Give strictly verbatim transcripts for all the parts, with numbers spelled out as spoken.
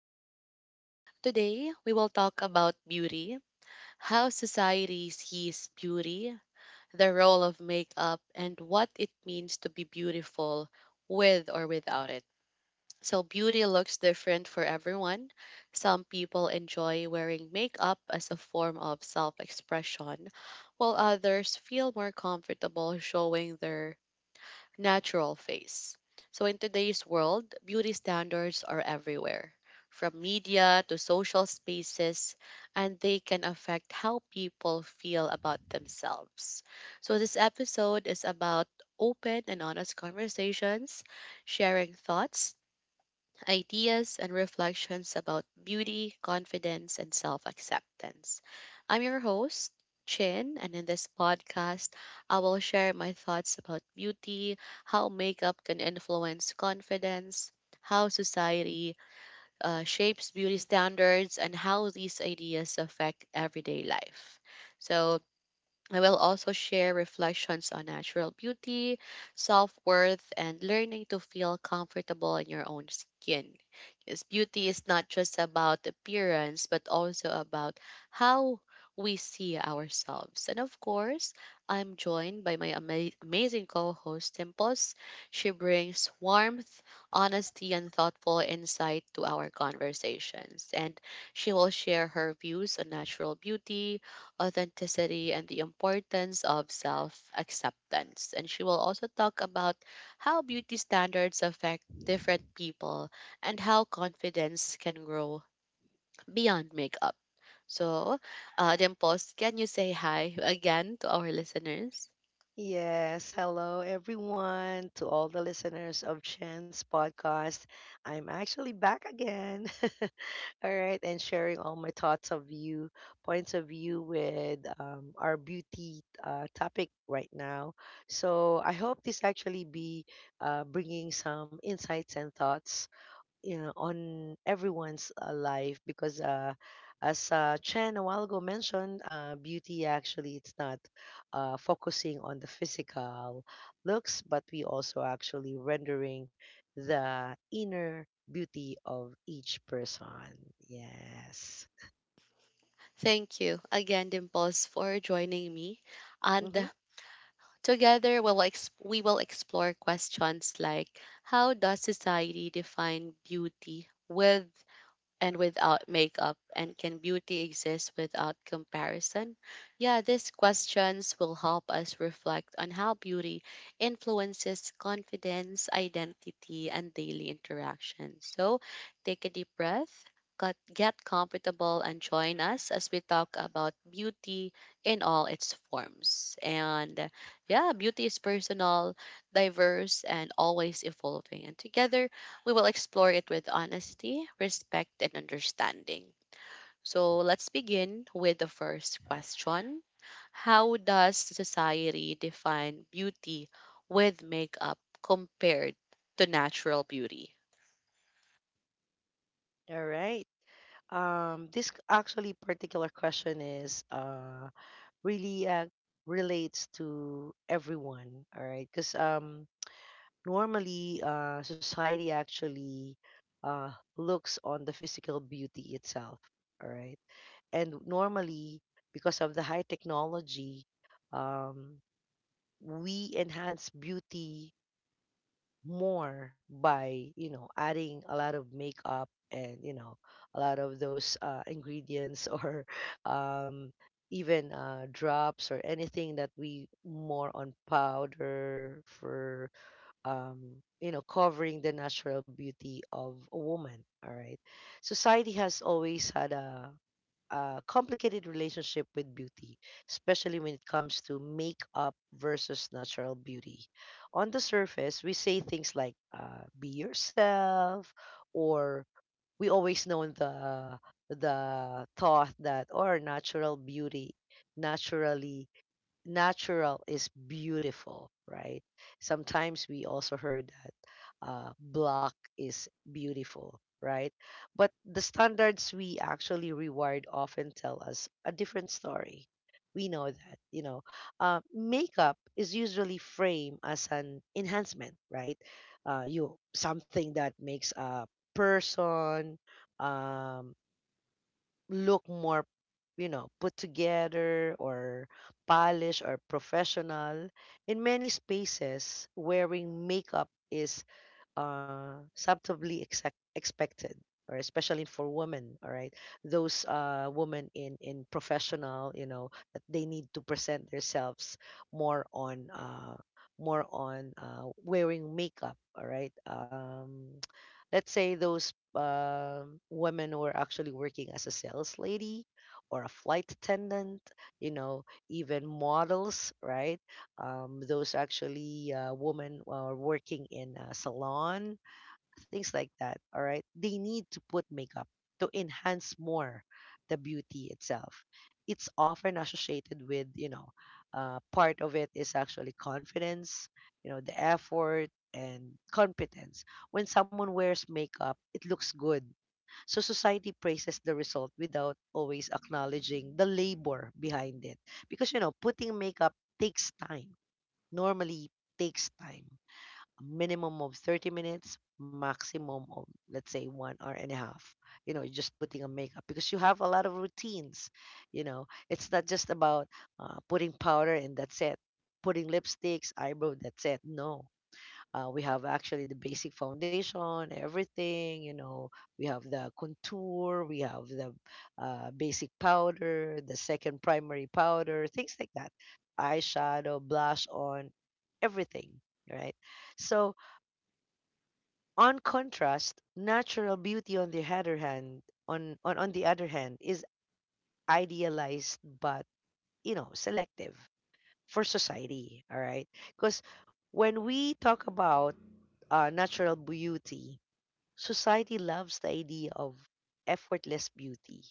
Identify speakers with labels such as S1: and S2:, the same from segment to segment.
S1: podcast. Today, we will talk about beauty, how society sees beauty, the role of makeup, and what it means to be beautiful with or without it. So, beauty looks different for everyone. Some people enjoy wearing makeup as a form of self expression, while others feel more comfortable showing their natural face. So in today's world, beauty standards are everywhere, from media to social spaces, and they can affect how people feel about themselves. So this episode is about open and honest conversations, sharing thoughts ideas and reflections about beauty, confidence, and self acceptance. I'm your host, Chin, and in this podcast, I will share my thoughts about beauty, how makeup can influence confidence, how society uh, shapes beauty standards, and how these ideas affect everyday life. So, I will also share reflections on natural beauty, self worth, and learning to feel comfortable in your own skin. Because beauty is not just about appearance, but also about how we see ourselves. And of course, I'm joined by my ama- amazing co host, Timpos. She brings warmth, honesty, and thoughtful insight to our conversations. And she will share her views on natural beauty authenticity and the importance of self acceptance. And she will also talk about how beauty standards affect different people and how confidence can grow beyond makeup. So, uh, Dimples, can you say hi again to our listeners?
S2: Yes, hello everyone to all the listeners of Chance Podcast. I'm actually back again. all right, and sharing all my thoughts of view, points of view with um, our beauty uh, topic right now. So I hope this actually be uh, bringing some insights and thoughts, you know, on everyone's uh, life, because uh, as uh, Chen a while ago mentioned, uh, beauty actually it's not uh, focusing on the physical looks, but we also actually rendering the inner beauty of each person. Yes.
S1: Thank you again, Dimples, for joining me.
S2: Mm-hmm.
S1: And together, we'll ex- we will explore questions like how does society define beauty with and without makeup? And can beauty exist without comparison? Yeah, these questions will help us reflect on how beauty influences confidence, identity, and daily interaction. So take a deep breath. Cut, get comfortable and join us as we talk about beauty in all its forms. And yeah, beauty is personal, diverse, and always evolving. And together, we will explore it with honesty, respect, and understanding. So let's begin with the first question. How does society define beauty with makeup compared to natural beauty?
S2: All right. Um, this c- actually particular question is uh, really uh, relates to everyone. All right, because um, normally uh, society actually uh, looks on the physical beauty itself, all right, and normally because of the high technology, um, we enhance beauty more by, you know, adding a lot of makeup and, you know, a lot of those uh, ingredients, or um, even uh, drops, or anything that we more on powder for, um, you know, covering the natural beauty of a woman. All right. Society has always had a, a complicated relationship with beauty, especially when it comes to makeup versus natural beauty. On the surface, we say things like, uh, be yourself, or we always know the the thought that, or natural beauty, naturally natural is beautiful, right? Sometimes we also heard that uh, black is beautiful, right? But the standards we actually reward often tell us a different story. We know that, you know, uh, makeup is usually framed as an enhancement, right? Uh, you, something that makes a person um, look more, you know, put together or polished or professional. In many spaces wearing makeup is uh, subtly exact expected, or especially for women, all right, those uh, women in in professional, you know, that they need to present themselves more on uh, more on uh, wearing makeup, all right. Um, let's say those um women who are actually working as a sales lady or a flight attendant, you know, even models, right? Um, those actually uh, women are working in a salon, things like that. All right, they need to put makeup to enhance more the beauty itself. It's often associated with, you know, uh, part of it is actually confidence, you know, the effort and competence. When someone wears makeup, it looks good. So society praises the result without always acknowledging the labor behind it, because, you know, putting makeup takes time normally takes time, a minimum of thirty minutes, maximum of let's say one hour and a half. You know, just putting a makeup because you have a lot of routines. You know, it's not just about uh, putting powder and that's it, putting lipsticks, eyebrow, that's it. No, uh, we have actually the basic foundation, everything. You know, we have the contour, we have the uh, basic powder, the second primary powder, things like that. Eyeshadow, blush on, everything, right? So, on contrast, natural beauty, on the other hand, on, on, on the other hand, is idealized but, you know, selective for society, all right? Because when we talk about uh, natural beauty, society loves the idea of effortless beauty.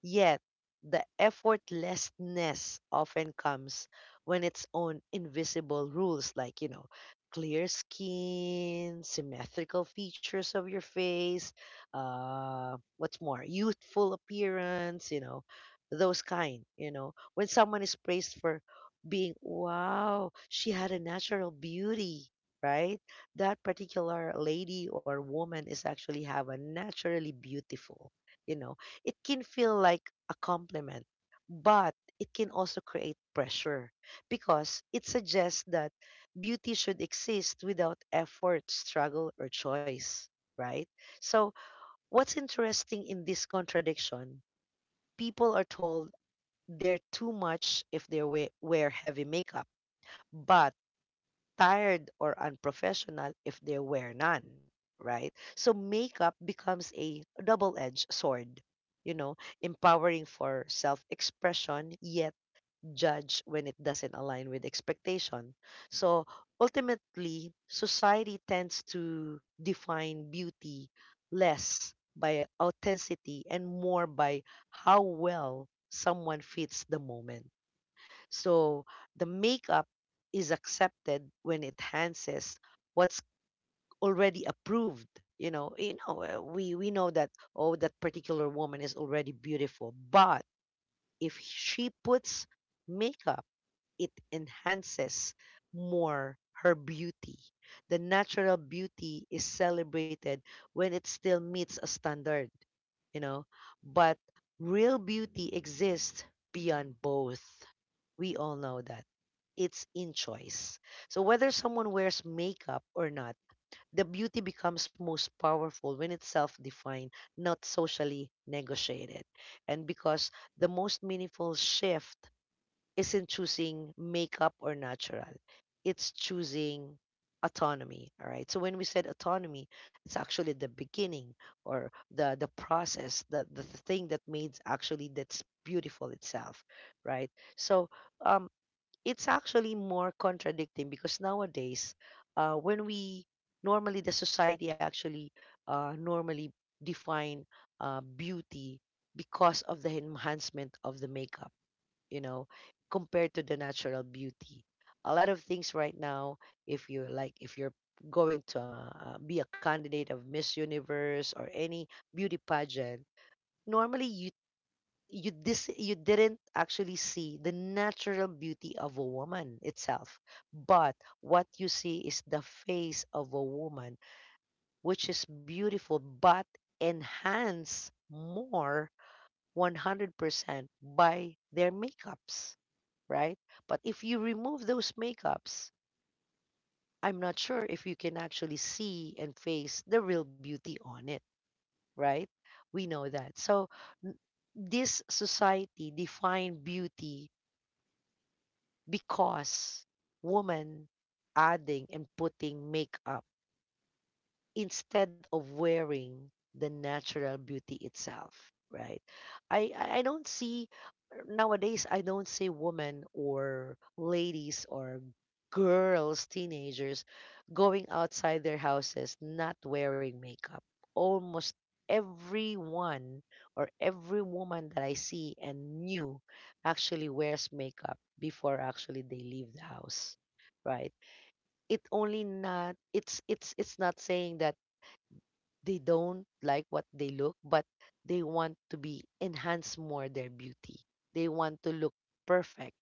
S2: Yet the effortlessness often comes when its own invisible rules, like, you know, clear skin, symmetrical features of your face, uh, what's more, youthful appearance, you know, those kind, you know. When someone is praised for being, wow, she had a natural beauty, right? That particular lady or woman is actually have a naturally beautiful, you know, it can feel like a compliment, but it can also create pressure because it suggests that beauty should exist without effort, struggle, or choice, right? So, what's interesting in this contradiction? People are told they're too much if they wear wear heavy makeup, but tired or unprofessional if there were none, right? So makeup becomes a double-edged sword, you know, empowering for self-expression, yet judge when it doesn't align with expectation. So ultimately, society tends to define beauty less by authenticity and more by how well someone fits the moment. So the makeup is accepted when it enhances what's already approved. You know, you know, uh, we we know that, oh, that particular woman is already beautiful, but if she puts makeup, it enhances more her beauty. The natural beauty is celebrated when it still meets a standard, you know. But real beauty exists beyond both. We all know that. It's in choice. So whether someone wears makeup or not, the beauty becomes most powerful when it's self-defined, not socially negotiated. And because the most meaningful shift isn't choosing makeup or natural. It's choosing autonomy. All right. So when we said autonomy, it's actually the beginning, or the the process, the the thing that made actually that's beautiful itself. Right. So um it's actually more contradicting because nowadays, uh when we normally the society actually uh normally define uh beauty because of the enhancement of the makeup, you know, compared to the natural beauty. A lot of things right now, if you like, if you're going to uh, be a candidate of Miss Universe or any beauty pageant, normally you you dis- you didn't actually see the natural beauty of a woman itself, but what you see is the face of a woman, which is beautiful but enhanced more one hundred percent by their makeups, right? But if you remove those makeups, I'm not sure if you can actually see and face the real beauty on it, right? We know that. So n- this society defined beauty because woman adding and putting makeup instead of wearing the natural beauty itself, right? i i I don't see, nowadays, i don't see women or ladies or girls, teenagers, going outside their houses not wearing makeup. Almost everyone, or every woman that i see and knew, actually wears makeup before actually they leave the house, right? It only not, it's it's it's not saying that they don't like what they look, but they want to be enhance more their beauty. They want to look perfect,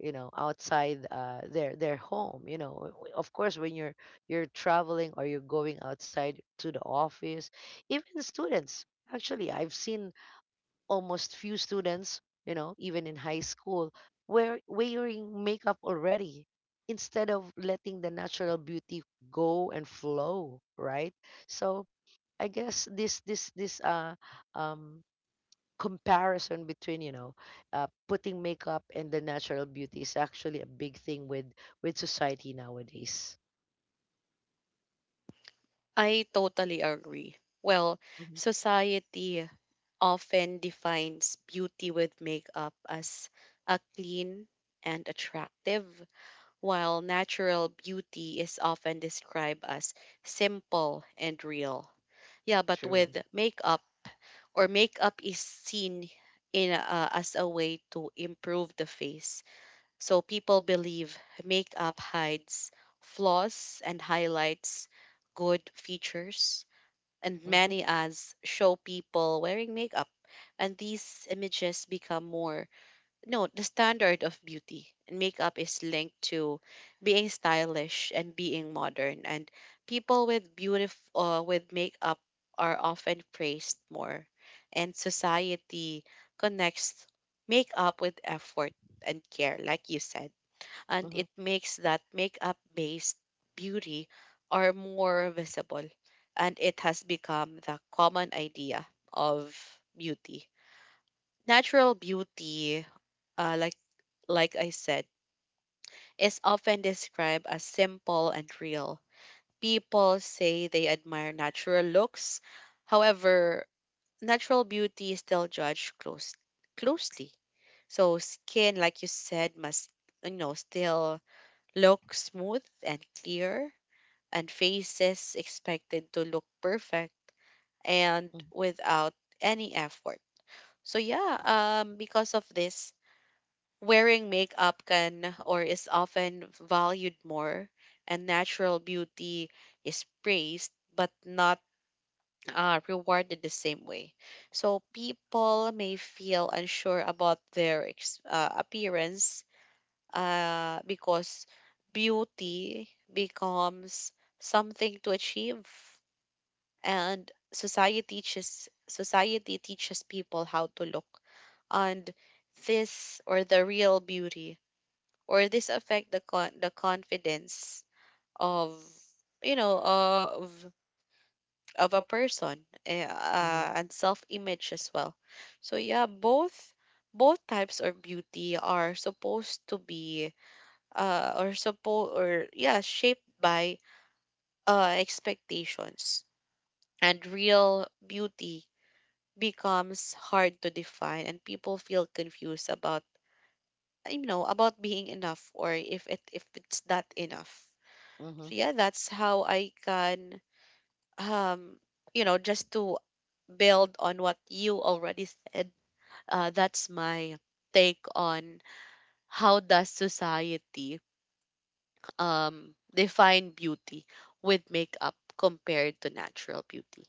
S2: you know, outside uh, their their home. You know, W- w- of course, when you're you're traveling, or you're going outside to the office, even students. Actually, I've seen almost few students, you know, even in high school, were wearing makeup already instead of letting the natural beauty go and flow, right? So I guess this this this uh um comparison between, you know, uh, putting makeup and the natural beauty is actually a big thing with with society nowadays.
S1: I totally agree. Well,
S2: Hmm
S1: society often defines beauty with makeup as a clean and attractive, while natural beauty is often described as simple and real. Yeah, but
S2: True.
S1: with makeup or makeup is seen in uh, as a way to improve the face. So people believe makeup hides flaws and highlights good features, and
S2: Mm-hmm.
S1: many ads show people wearing makeup, and these images become more, no, the standard of beauty. And makeup is linked to being stylish and being modern, and people with beautiful uh, with makeup are often praised more, and society connects makeup with effort and care, like you said, and
S2: Mm-hmm.
S1: it makes that makeup based beauty are more visible, and it has become the common idea of beauty. Natural beauty, uh, like like I said, is often described as simple and real. People say they admire natural looks. However, natural beauty is still judged close, closely. So skin, like you said, must you know still look smooth and clear, and faces expected to look perfect and
S2: Mm-hmm.
S1: without any effort. So yeah, um, because of this, wearing makeup can or is often valued more, and natural beauty is praised but not uh, rewarded the same way. So people may feel unsure about their ex- uh, appearance, uh, because beauty becomes something to achieve, and society teaches society teaches people how to look, and this or the real beauty or this affect the con- the confidence of, you know, of of a person eh,
S2: Mm-hmm.
S1: uh, and self image as well. So yeah, both both types of beauty are supposed to be, uh or suppo or yeah, shaped by uh expectations, and real beauty becomes hard to define and people feel confused about, you know, about being enough or if it if it's not enough.
S2: Mm-hmm.
S1: So yeah, that's how I can, um you know, just to build on what you already said. Uh, that's my take on how does society um define beauty with makeup compared to natural beauty.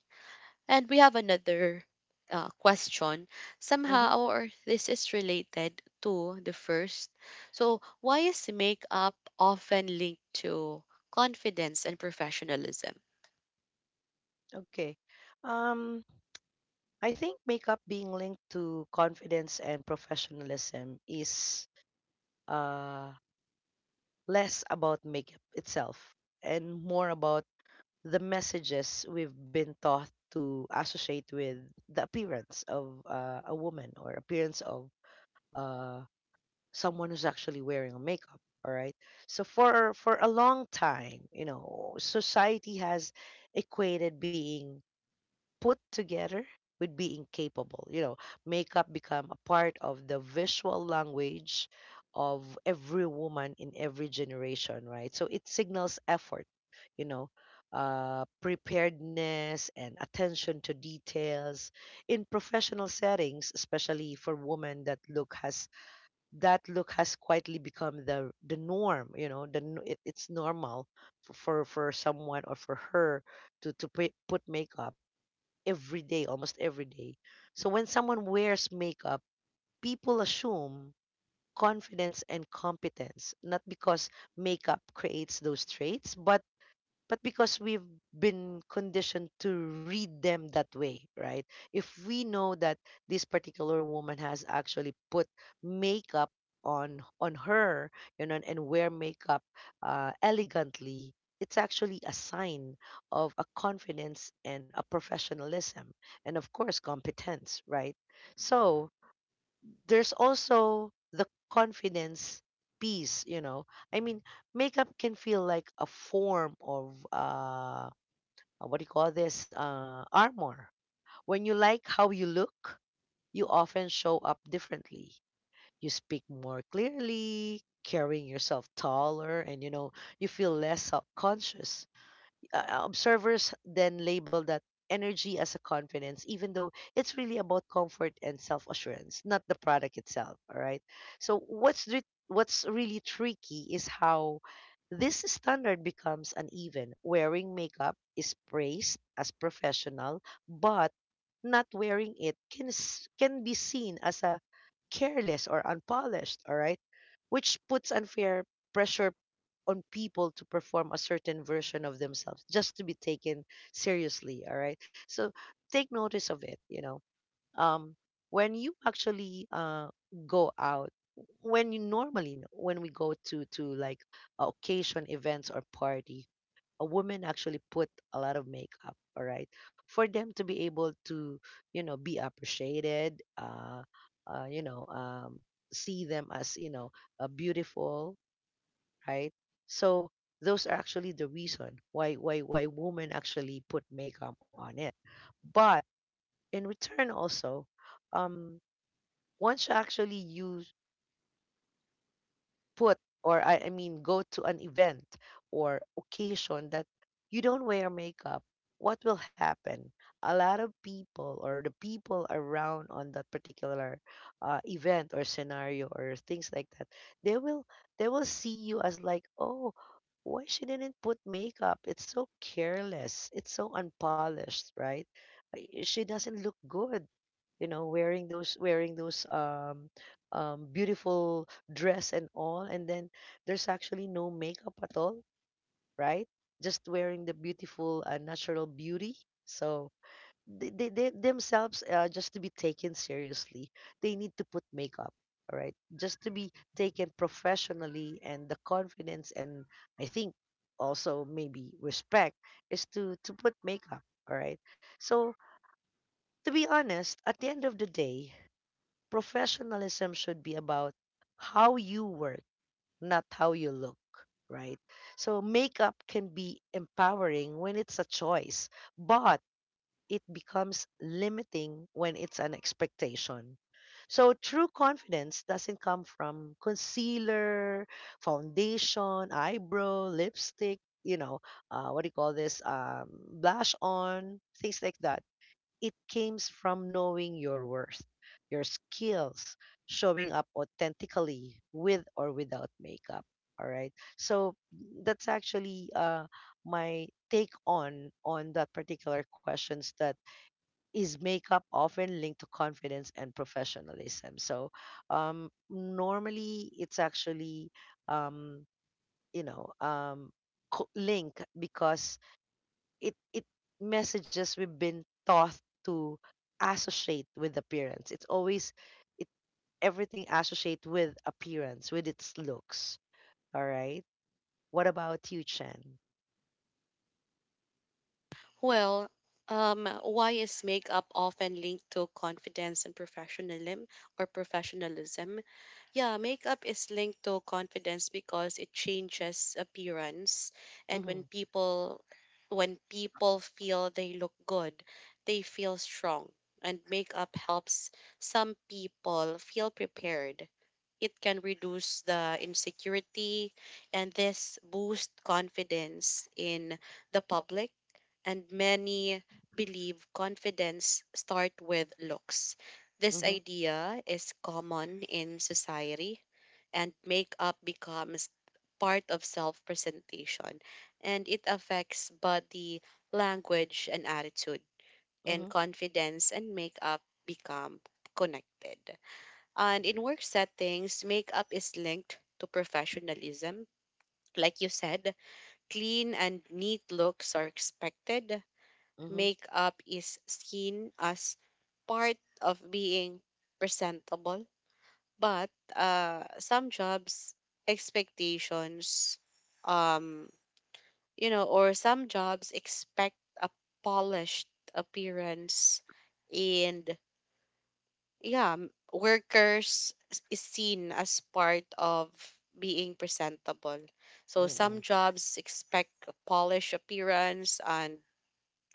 S1: And we have another uh, question
S2: Mm-hmm.
S1: somehow or this is related to the first. So why is makeup often linked to confidence and professionalism?
S2: Okay. Um, I think makeup being linked to confidence and professionalism is uh, less about makeup itself and more about the messages we've been taught to associate with the appearance of uh, a woman, or appearance of uh, someone who's actually wearing makeup. All right. So for for a long time, you know, society has equated being put together with being capable. You know, makeup become a part of the visual language of every woman in every generation, right? So it signals effort, you know, uh, preparedness and attention to details in professional settings, especially for women. That look has that look has quietly become the the norm. You know, the n- it, it's normal for, for for someone or for her to to pre- put makeup every day, almost every day. So when someone wears makeup, people assume confidence and competence, not because makeup creates those traits, but but because we've been conditioned to read them that way, right? If we know that this particular woman has actually put makeup on on her, you know, and wear makeup uh, elegantly, it's actually a sign of a confidence and a professionalism, and of course competence, right? Mm-hmm. So there's also the confidence piece, you know, I mean, makeup can feel like a form of uh uh, what do you call this, uh armor. When you like how you look, you often show up differently, you speak more clearly, carrying yourself taller, and, you know, you feel less self-conscious. Uh, observers then label that energy as a confidence, even though it's really about comfort and self assurance, not the product itself. All right. So what's re- what's really tricky is how this standard becomes uneven. Wearing makeup is praised as professional, but not wearing it can s- can be seen as a careless or unpolished, all right? Which puts unfair pressure on people to perform a certain version of themselves just to be taken seriously, all right? So take notice of it, you know. Um when you actually uh go out when you normally when we go to to like occasion events or party, a woman actually put a lot of makeup, all right, for them to be able to, you know, be appreciated, uh, uh you know um see them as, you know, uh, beautiful, right? So those are actually the reason why why why women actually put makeup on it. But in return also, um once you actually you put, or I, I mean, go to an event or occasion that you don't wear makeup, what will happen? A lot of people or the people around on that particular uh, event or scenario or things like that, they will they will see you as like, oh, why she didn't put makeup? It's so careless. It's so unpolished, right? Uh, She doesn't look good, you know, wearing those wearing those um um beautiful dress and all, and then there's actually no makeup at all, right? Just wearing the beautiful uh, natural beauty. So they, they, they themselves, uh, just to be taken seriously, they need to put makeup, all right, just to be taken professionally, and the confidence and I think also maybe respect is to to put makeup, all right? So to be honest, at the end of the day, professionalism should be about how you work, not how you look, right? So makeup can be empowering when it's a choice, but it becomes limiting when it's an expectation. So true confidence doesn't come from concealer, foundation, eyebrow, lipstick, you know, uh, what do you call this? Um, blush on, things like that. It comes from knowing your worth, your skills, showing up authentically with or without makeup. All right. So that's actually uh, my take on on that particular questions: that is makeup often linked to confidence and professionalism. So um, normally it's actually um, you know um, co- link, because it it messages we've been taught to associate with appearance. It's always it everything associate with appearance, with its looks. All right. What about you, Chen?
S1: Well, um, why is makeup often linked to confidence and professionalism or professionalism? Yeah, makeup is linked to confidence because it changes appearance, and when
S2: Mm-hmm.
S1: people when people feel they look good, they feel strong, and makeup helps some people feel prepared. It can reduce the insecurity, and this boosts confidence in the public, and many believe confidence start with looks. This
S2: Mm-hmm.
S1: idea is common in society, and makeup becomes part of self-presentation, and it affects body language and attitude,
S2: Mm-hmm.
S1: and confidence and makeup become connected. And in work settings, makeup is linked to professionalism. Like you said, clean and neat looks are expected.
S2: Mm-hmm.
S1: Makeup is seen as part of being presentable, but uh, some jobs expectations, um, you know, or some jobs expect a polished appearance, and yeah, m- workers s- is seen as part of being presentable. So
S2: Mm-hmm.
S1: some jobs expect a polished appearance, and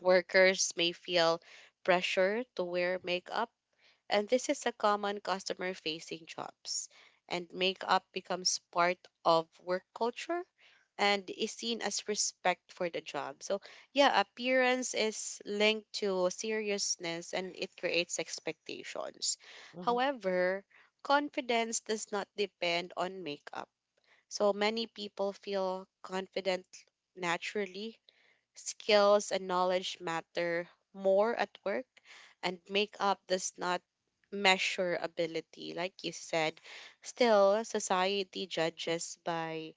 S1: workers may feel pressure to wear makeup, and this is a common customer facing jobs. And makeup becomes part of work culture and is seen as respect for the job. So, yeah, appearance is linked to seriousness and it creates expectations.
S2: Mm-hmm.
S1: However, confidence does not depend on makeup. So, many people feel confident naturally. Skills and knowledge matter more at work, and makeup does not measure ability, like you said. Still, society judges by,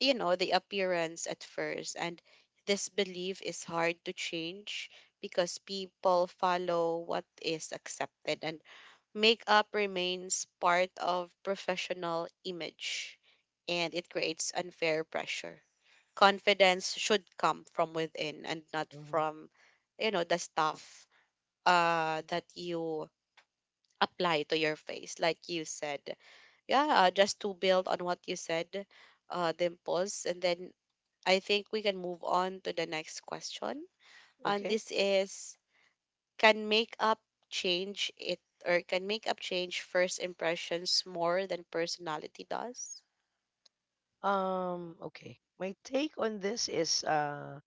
S1: you know, the appearance at first, and this belief is hard to change because people follow what is accepted, and makeup remains part of professional image, and it creates unfair pressure. Confidence should come from within and not
S2: Mm-hmm.
S1: from, you know, the stuff uh, that you apply to your face, like you said. Yeah, uh, just to build on what you said, uh, Dimples. And then I think we can move on to the next question. And
S2: Okay.
S1: this is, can makeup change it or can makeup change first impressions more than personality does?
S2: Um, okay. My take on this is uh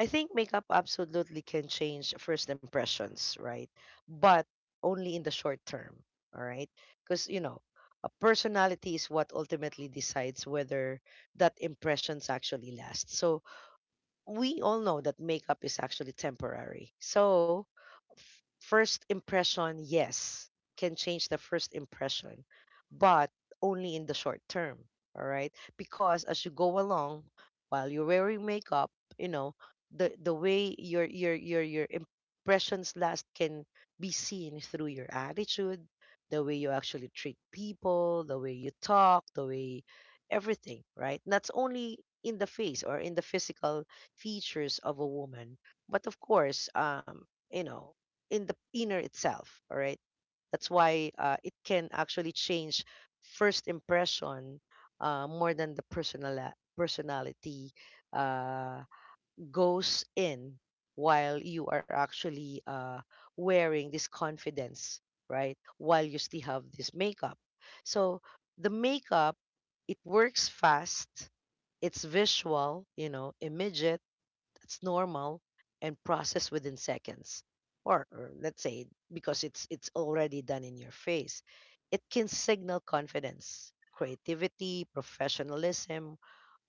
S2: I think makeup absolutely can change first impressions, right? But only in the short term, all right? Because, you know, a personality is what ultimately decides whether that impressions actually last. So we all know that makeup is actually temporary. So f- first impression, yes, can change the first impression, but only in the short term. All right. Because as you go along, while you're wearing makeup, you know, the, the way your your your your impressions last can be seen through your attitude, the way you actually treat people, the way you talk, the way everything, right? Not only in the face or in the physical features of a woman, but of course, um, you know, in the inner itself, all right. That's why uh, it can actually change first impression, uh, more than the personal personality uh, goes in while you are actually uh, wearing this confidence, right, while you still have this makeup. So the makeup, it works fast, it's visual, you know, image, it's normal and processed within seconds, or, or let's say, because it's it's already done in your face, it can signal confidence, creativity, professionalism,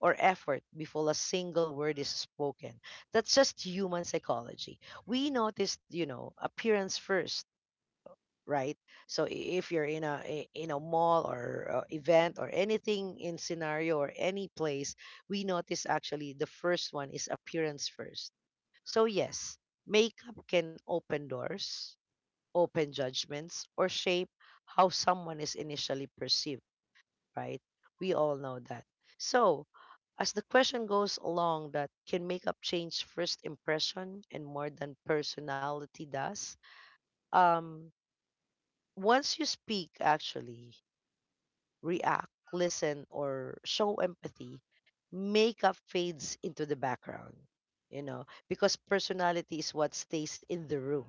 S2: or effort before a single word is spoken. That's just human psychology. We notice, you know, appearance first, right? So i- if you're in a i- in a mall or uh, event or anything, in scenario or any place, we notice actually the first one is appearance first. So, yes, makeup can open doors, open judgments, or shape how someone is initially perceived, right? We all know that. So, as the question goes along, that can makeup change first impression and more than personality does? Um, once you speak, actually, react, listen, or show empathy, makeup fades into the background, you know, because personality is what stays in the room,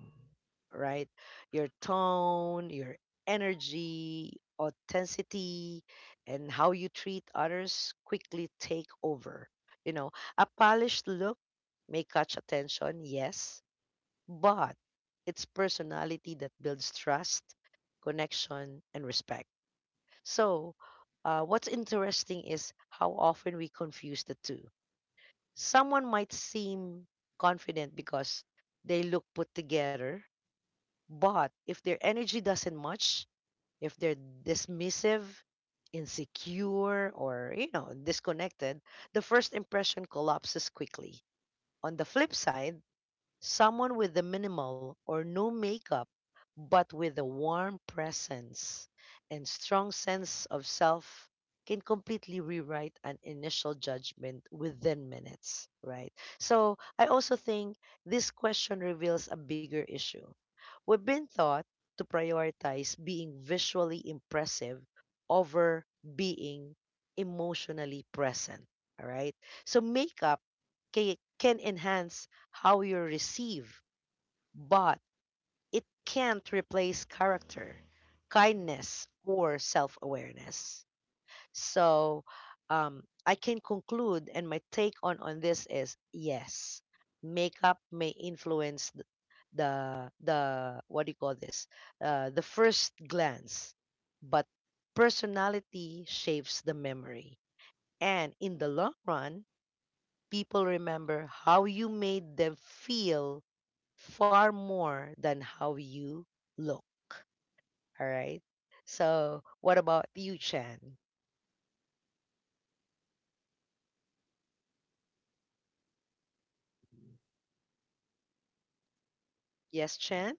S2: right? Your tone, your energy, authenticity, and how you treat others quickly take over. You know, a polished look may catch attention, yes, but it's personality that builds trust, connection, and respect. So, uh, what's interesting is how often we confuse the two. Someone might seem confident because they look put together, but if their energy doesn't match, if they're dismissive, insecure, or, you know, disconnected, the first impression collapses quickly. On the flip side, someone with the minimal or no makeup, but with a warm presence and strong sense of self, can completely rewrite an initial judgment within minutes, right? So I also think this question reveals a bigger issue. We've been taught to prioritize being visually impressive over being emotionally present, all right? So makeup ca- can enhance how you receive, but it can't replace character, kindness, or self awareness. So um, I can conclude, and my take on, on this is yes, makeup may influence th- the the what do you call this, uh, the first glance, but personality shapes the memory, and in the long run, people remember how you made them feel far more than how you look. All right. So, what about you, Chen? Yes, Chen?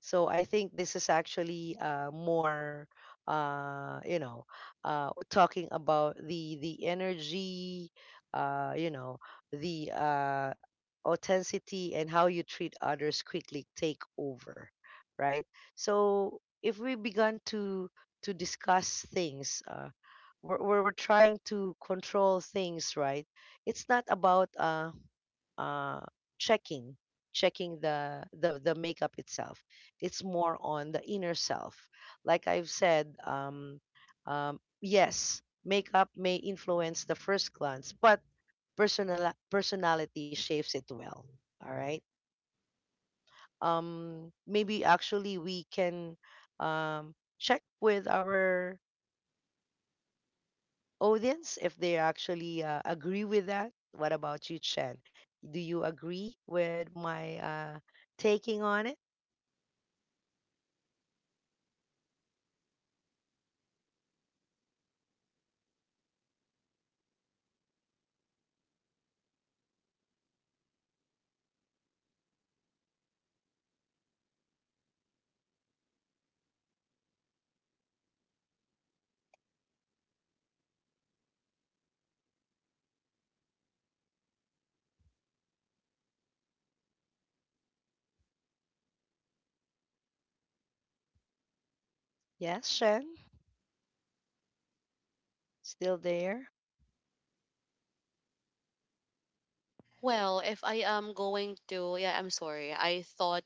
S2: So I think this is actually uh, more, uh, you know, uh, talking about the the energy, uh, you know, the uh, authenticity and how you treat others quickly take over, right? So if we begun to to discuss things, uh, we're, we're we're trying to control things, right? It's not about uh, uh, checking checking the the the makeup itself, it's more on the inner self. Like I've said, um, um, yes, makeup may influence the first glance, but personal personality shapes it well. All right. Um, maybe actually we can um, check with our audience if they actually uh, agree with that. What about you, Chen? Do you agree with my uh, taking on it? Yes, Shen. Still there?
S1: Well, if I am going to, yeah, I'm sorry. I thought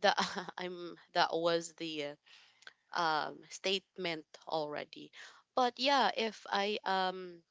S1: that I'm that was the um statement already. But yeah, if I um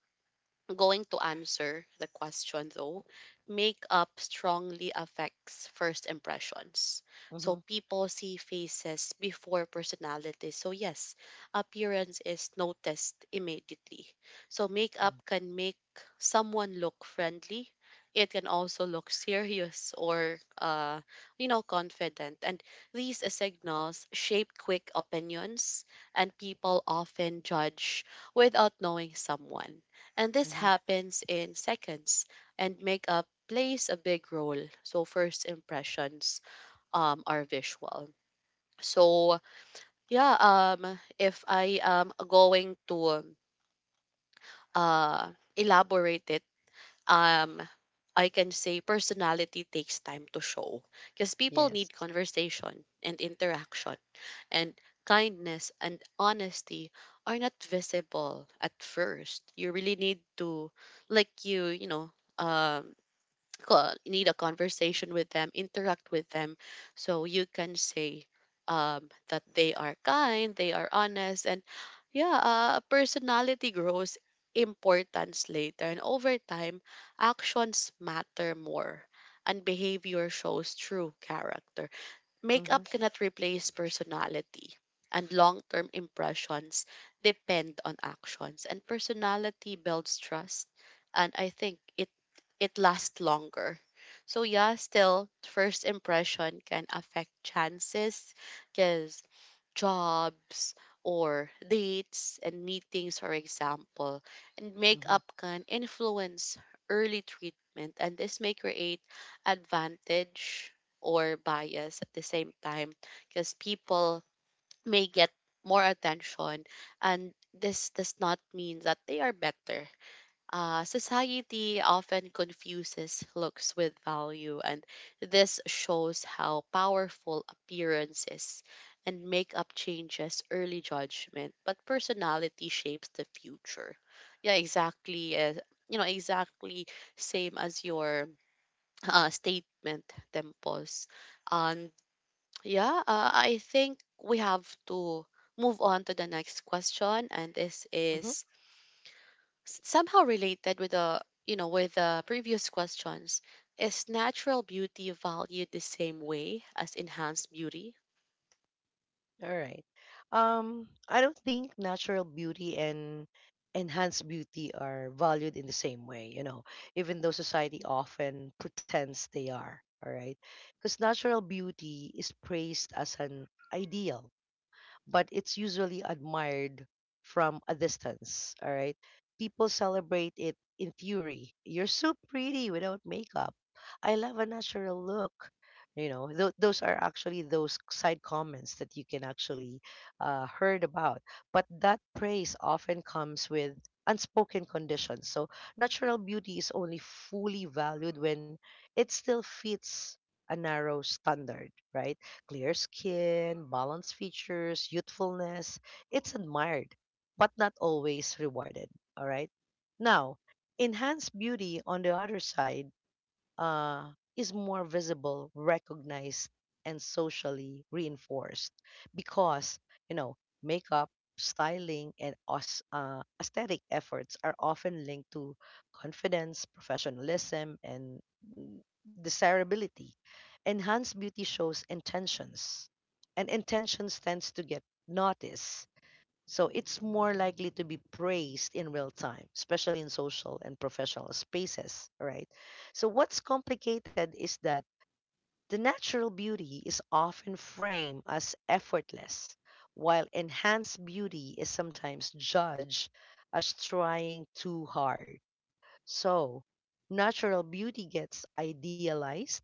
S1: going to answer the question though, makeup strongly affects first impressions.
S2: Mm-hmm.
S1: So people see faces before personality. So yes, appearance is noticed immediately. So makeup can make someone look friendly. It can also look serious or uh you know, confident, and these signals shape quick opinions, and people often judge without knowing someone. And this
S2: Mm-hmm.
S1: happens in seconds, and makeup plays a big role. So first impressions um are visual. So yeah, um if I am going to uh elaborate it, um I can say personality takes time to show because people
S2: Yes.
S1: need conversation and interaction, and kindness and honesty are not visible at first. You really need to, like, you, you know, um co- need a conversation with them, interact with them, so you can say um, that they are kind, they are honest, and yeah, uh, personality grows importance later, and over time, actions matter more, and behavior shows true character.
S2: Mm-hmm.
S1: Makeup cannot replace personality, and long term impressions depend on actions, and personality builds trust. And I think it it lasts longer. So yeah, still first impression can affect chances because jobs or dates and meetings, for example, and
S2: Mm-hmm.
S1: makeup can influence early treatment, and this may create advantage or bias at the same time because people may get more attention, and this does not mean that they are better. Uh, society often confuses looks with value, and this shows how powerful appearances, and makeup changes early judgment, but personality shapes the future. Yeah, exactly. Uh, you know, exactly same as your uh, statement, Tempos. Um, yeah, uh, I think we have to move on to the next question, and this
S2: Mm-hmm.
S1: is s- somehow related with the, you know, with the previous questions. Is natural beauty valued the same way as enhanced beauty?
S2: All right. Um, I don't think natural beauty and enhanced beauty are valued in the same way, you know, even though society often pretends they are. All right. Because natural beauty is praised as an ideal, but it's usually admired from a distance. All right. People celebrate it in fury. You're so pretty without makeup. I love a natural look. You know, th- those are actually those side comments that you can actually uh, heard about. But that praise often comes with unspoken conditions. So natural beauty is only fully valued when it still fits a narrow standard, right? Clear skin, balanced features, youthfulness. It's admired, but not always rewarded. All right. Now, enhanced beauty, on the other side, uh, is more visible, recognized, and socially reinforced because, you know, makeup, styling, and aus- uh, aesthetic efforts are often linked to confidence, professionalism, and mm, desirability. Enhance beauty shows intentions, and intentions tends to get noticed, so it's more likely to be praised in real time, especially in social and professional spaces, right? So what's complicated is that the natural beauty is often framed as effortless, while enhanced beauty is sometimes judged as trying too hard. So natural beauty gets idealized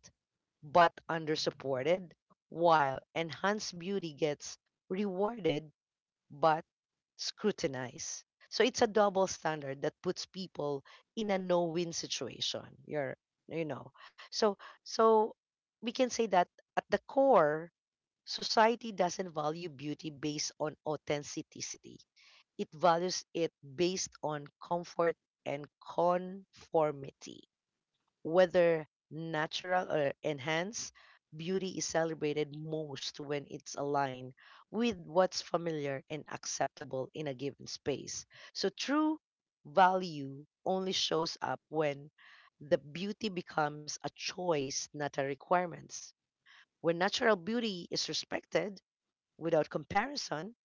S2: but undersupported, while enhanced beauty gets rewarded but scrutinized. So it's a double standard that puts people in a no-win situation. You're, you know, so so we can say that at the core, society doesn't value beauty based on authenticity. It values it based on comfort and conformity. Whether natural or enhanced, beauty is celebrated most when it's aligned with what's familiar and acceptable in a given space. So true value only shows up when the beauty becomes a choice, not a requirement. When natural beauty is respected without comparison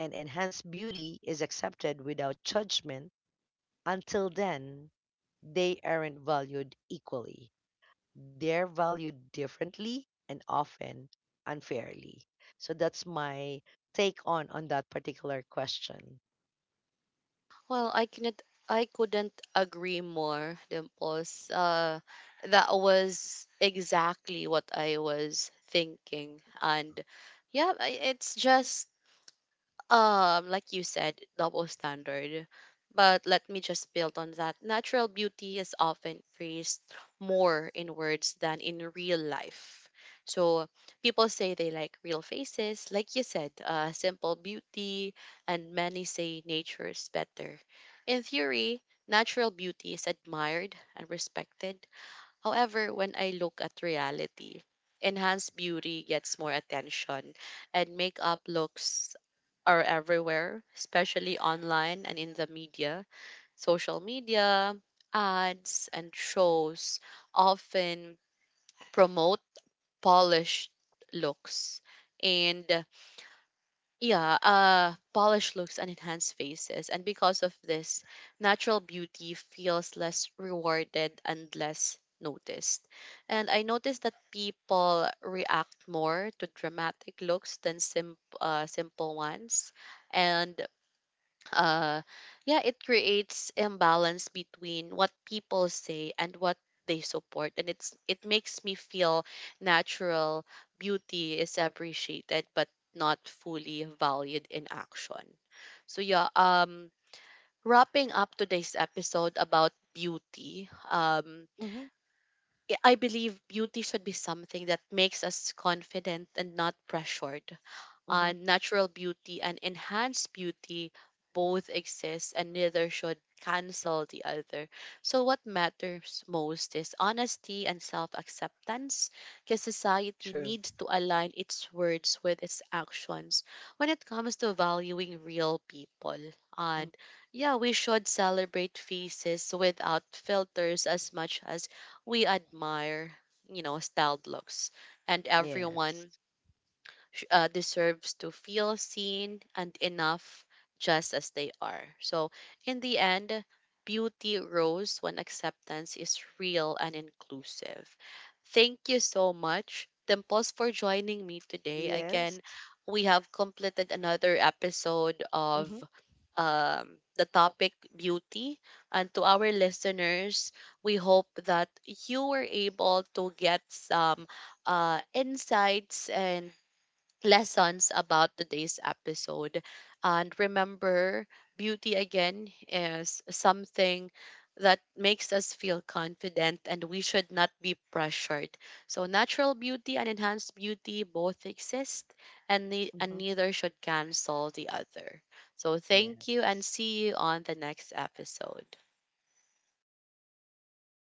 S2: and enhanced beauty is accepted without judgment, until then, they aren't valued equally, they're valued differently and often unfairly. So that's my take on on that particular question.
S1: Well, I couldn't I couldn't agree more, Dimples. Uh, that was exactly what I was thinking, and yeah, I- it's just, um, like you said, double standard. But let me just build on that. Natural beauty is often praised more in words than in real life. So people say they like real faces, like you said, uh, simple beauty, and many say nature is better. In theory, natural beauty is admired and respected. However, when I look at reality, enhanced beauty gets more attention, and makeup looks are everywhere, especially online and in the media. Social media, ads, and shows often promote polished looks and uh, yeah uh polished looks and enhanced faces, and because of this, natural beauty feels less rewarded and less noticed, and I noticed that people react more to dramatic looks than simp- uh, simple ones, and uh yeah, it creates imbalance between what people say and what they support, and it's it makes me feel natural beauty is appreciated but not fully valued in action. So yeah, um wrapping up today's episode about beauty, um
S2: Mhm.
S1: i I believe beauty should be something that makes us confident and not pressured. Uh,
S2: Mhm.
S1: natural beauty and enhanced beauty both exist, and neither should cancel the other. So what matters most is honesty and self-acceptance, because society
S2: True.
S1: needs to align its words with its actions when it comes to valuing real people.
S2: Mm.
S1: And yeah, we should celebrate faces without filters as much as we admire, you know, styled looks. And
S2: Yes.
S1: everyone sh- uh, deserves to feel seen and enough just as they are. So, in the end, beauty grows when acceptance is real and inclusive. Thank you so much, Dimples, for joining me today.
S2: Yes.
S1: Again, we have completed another episode of,
S2: Mhm.
S1: um, the topic beauty. And to our listeners, we hope that you were able to get some uh, insights and lessons about today's episode. And remember, beauty again is something that makes us feel confident, and we should not be pressured. So, natural beauty and enhanced beauty both exist, and, ne- and
S2: Mhm.
S1: neither should cancel the other. So, thank you and
S2: Yes.
S1: see you on the next episode.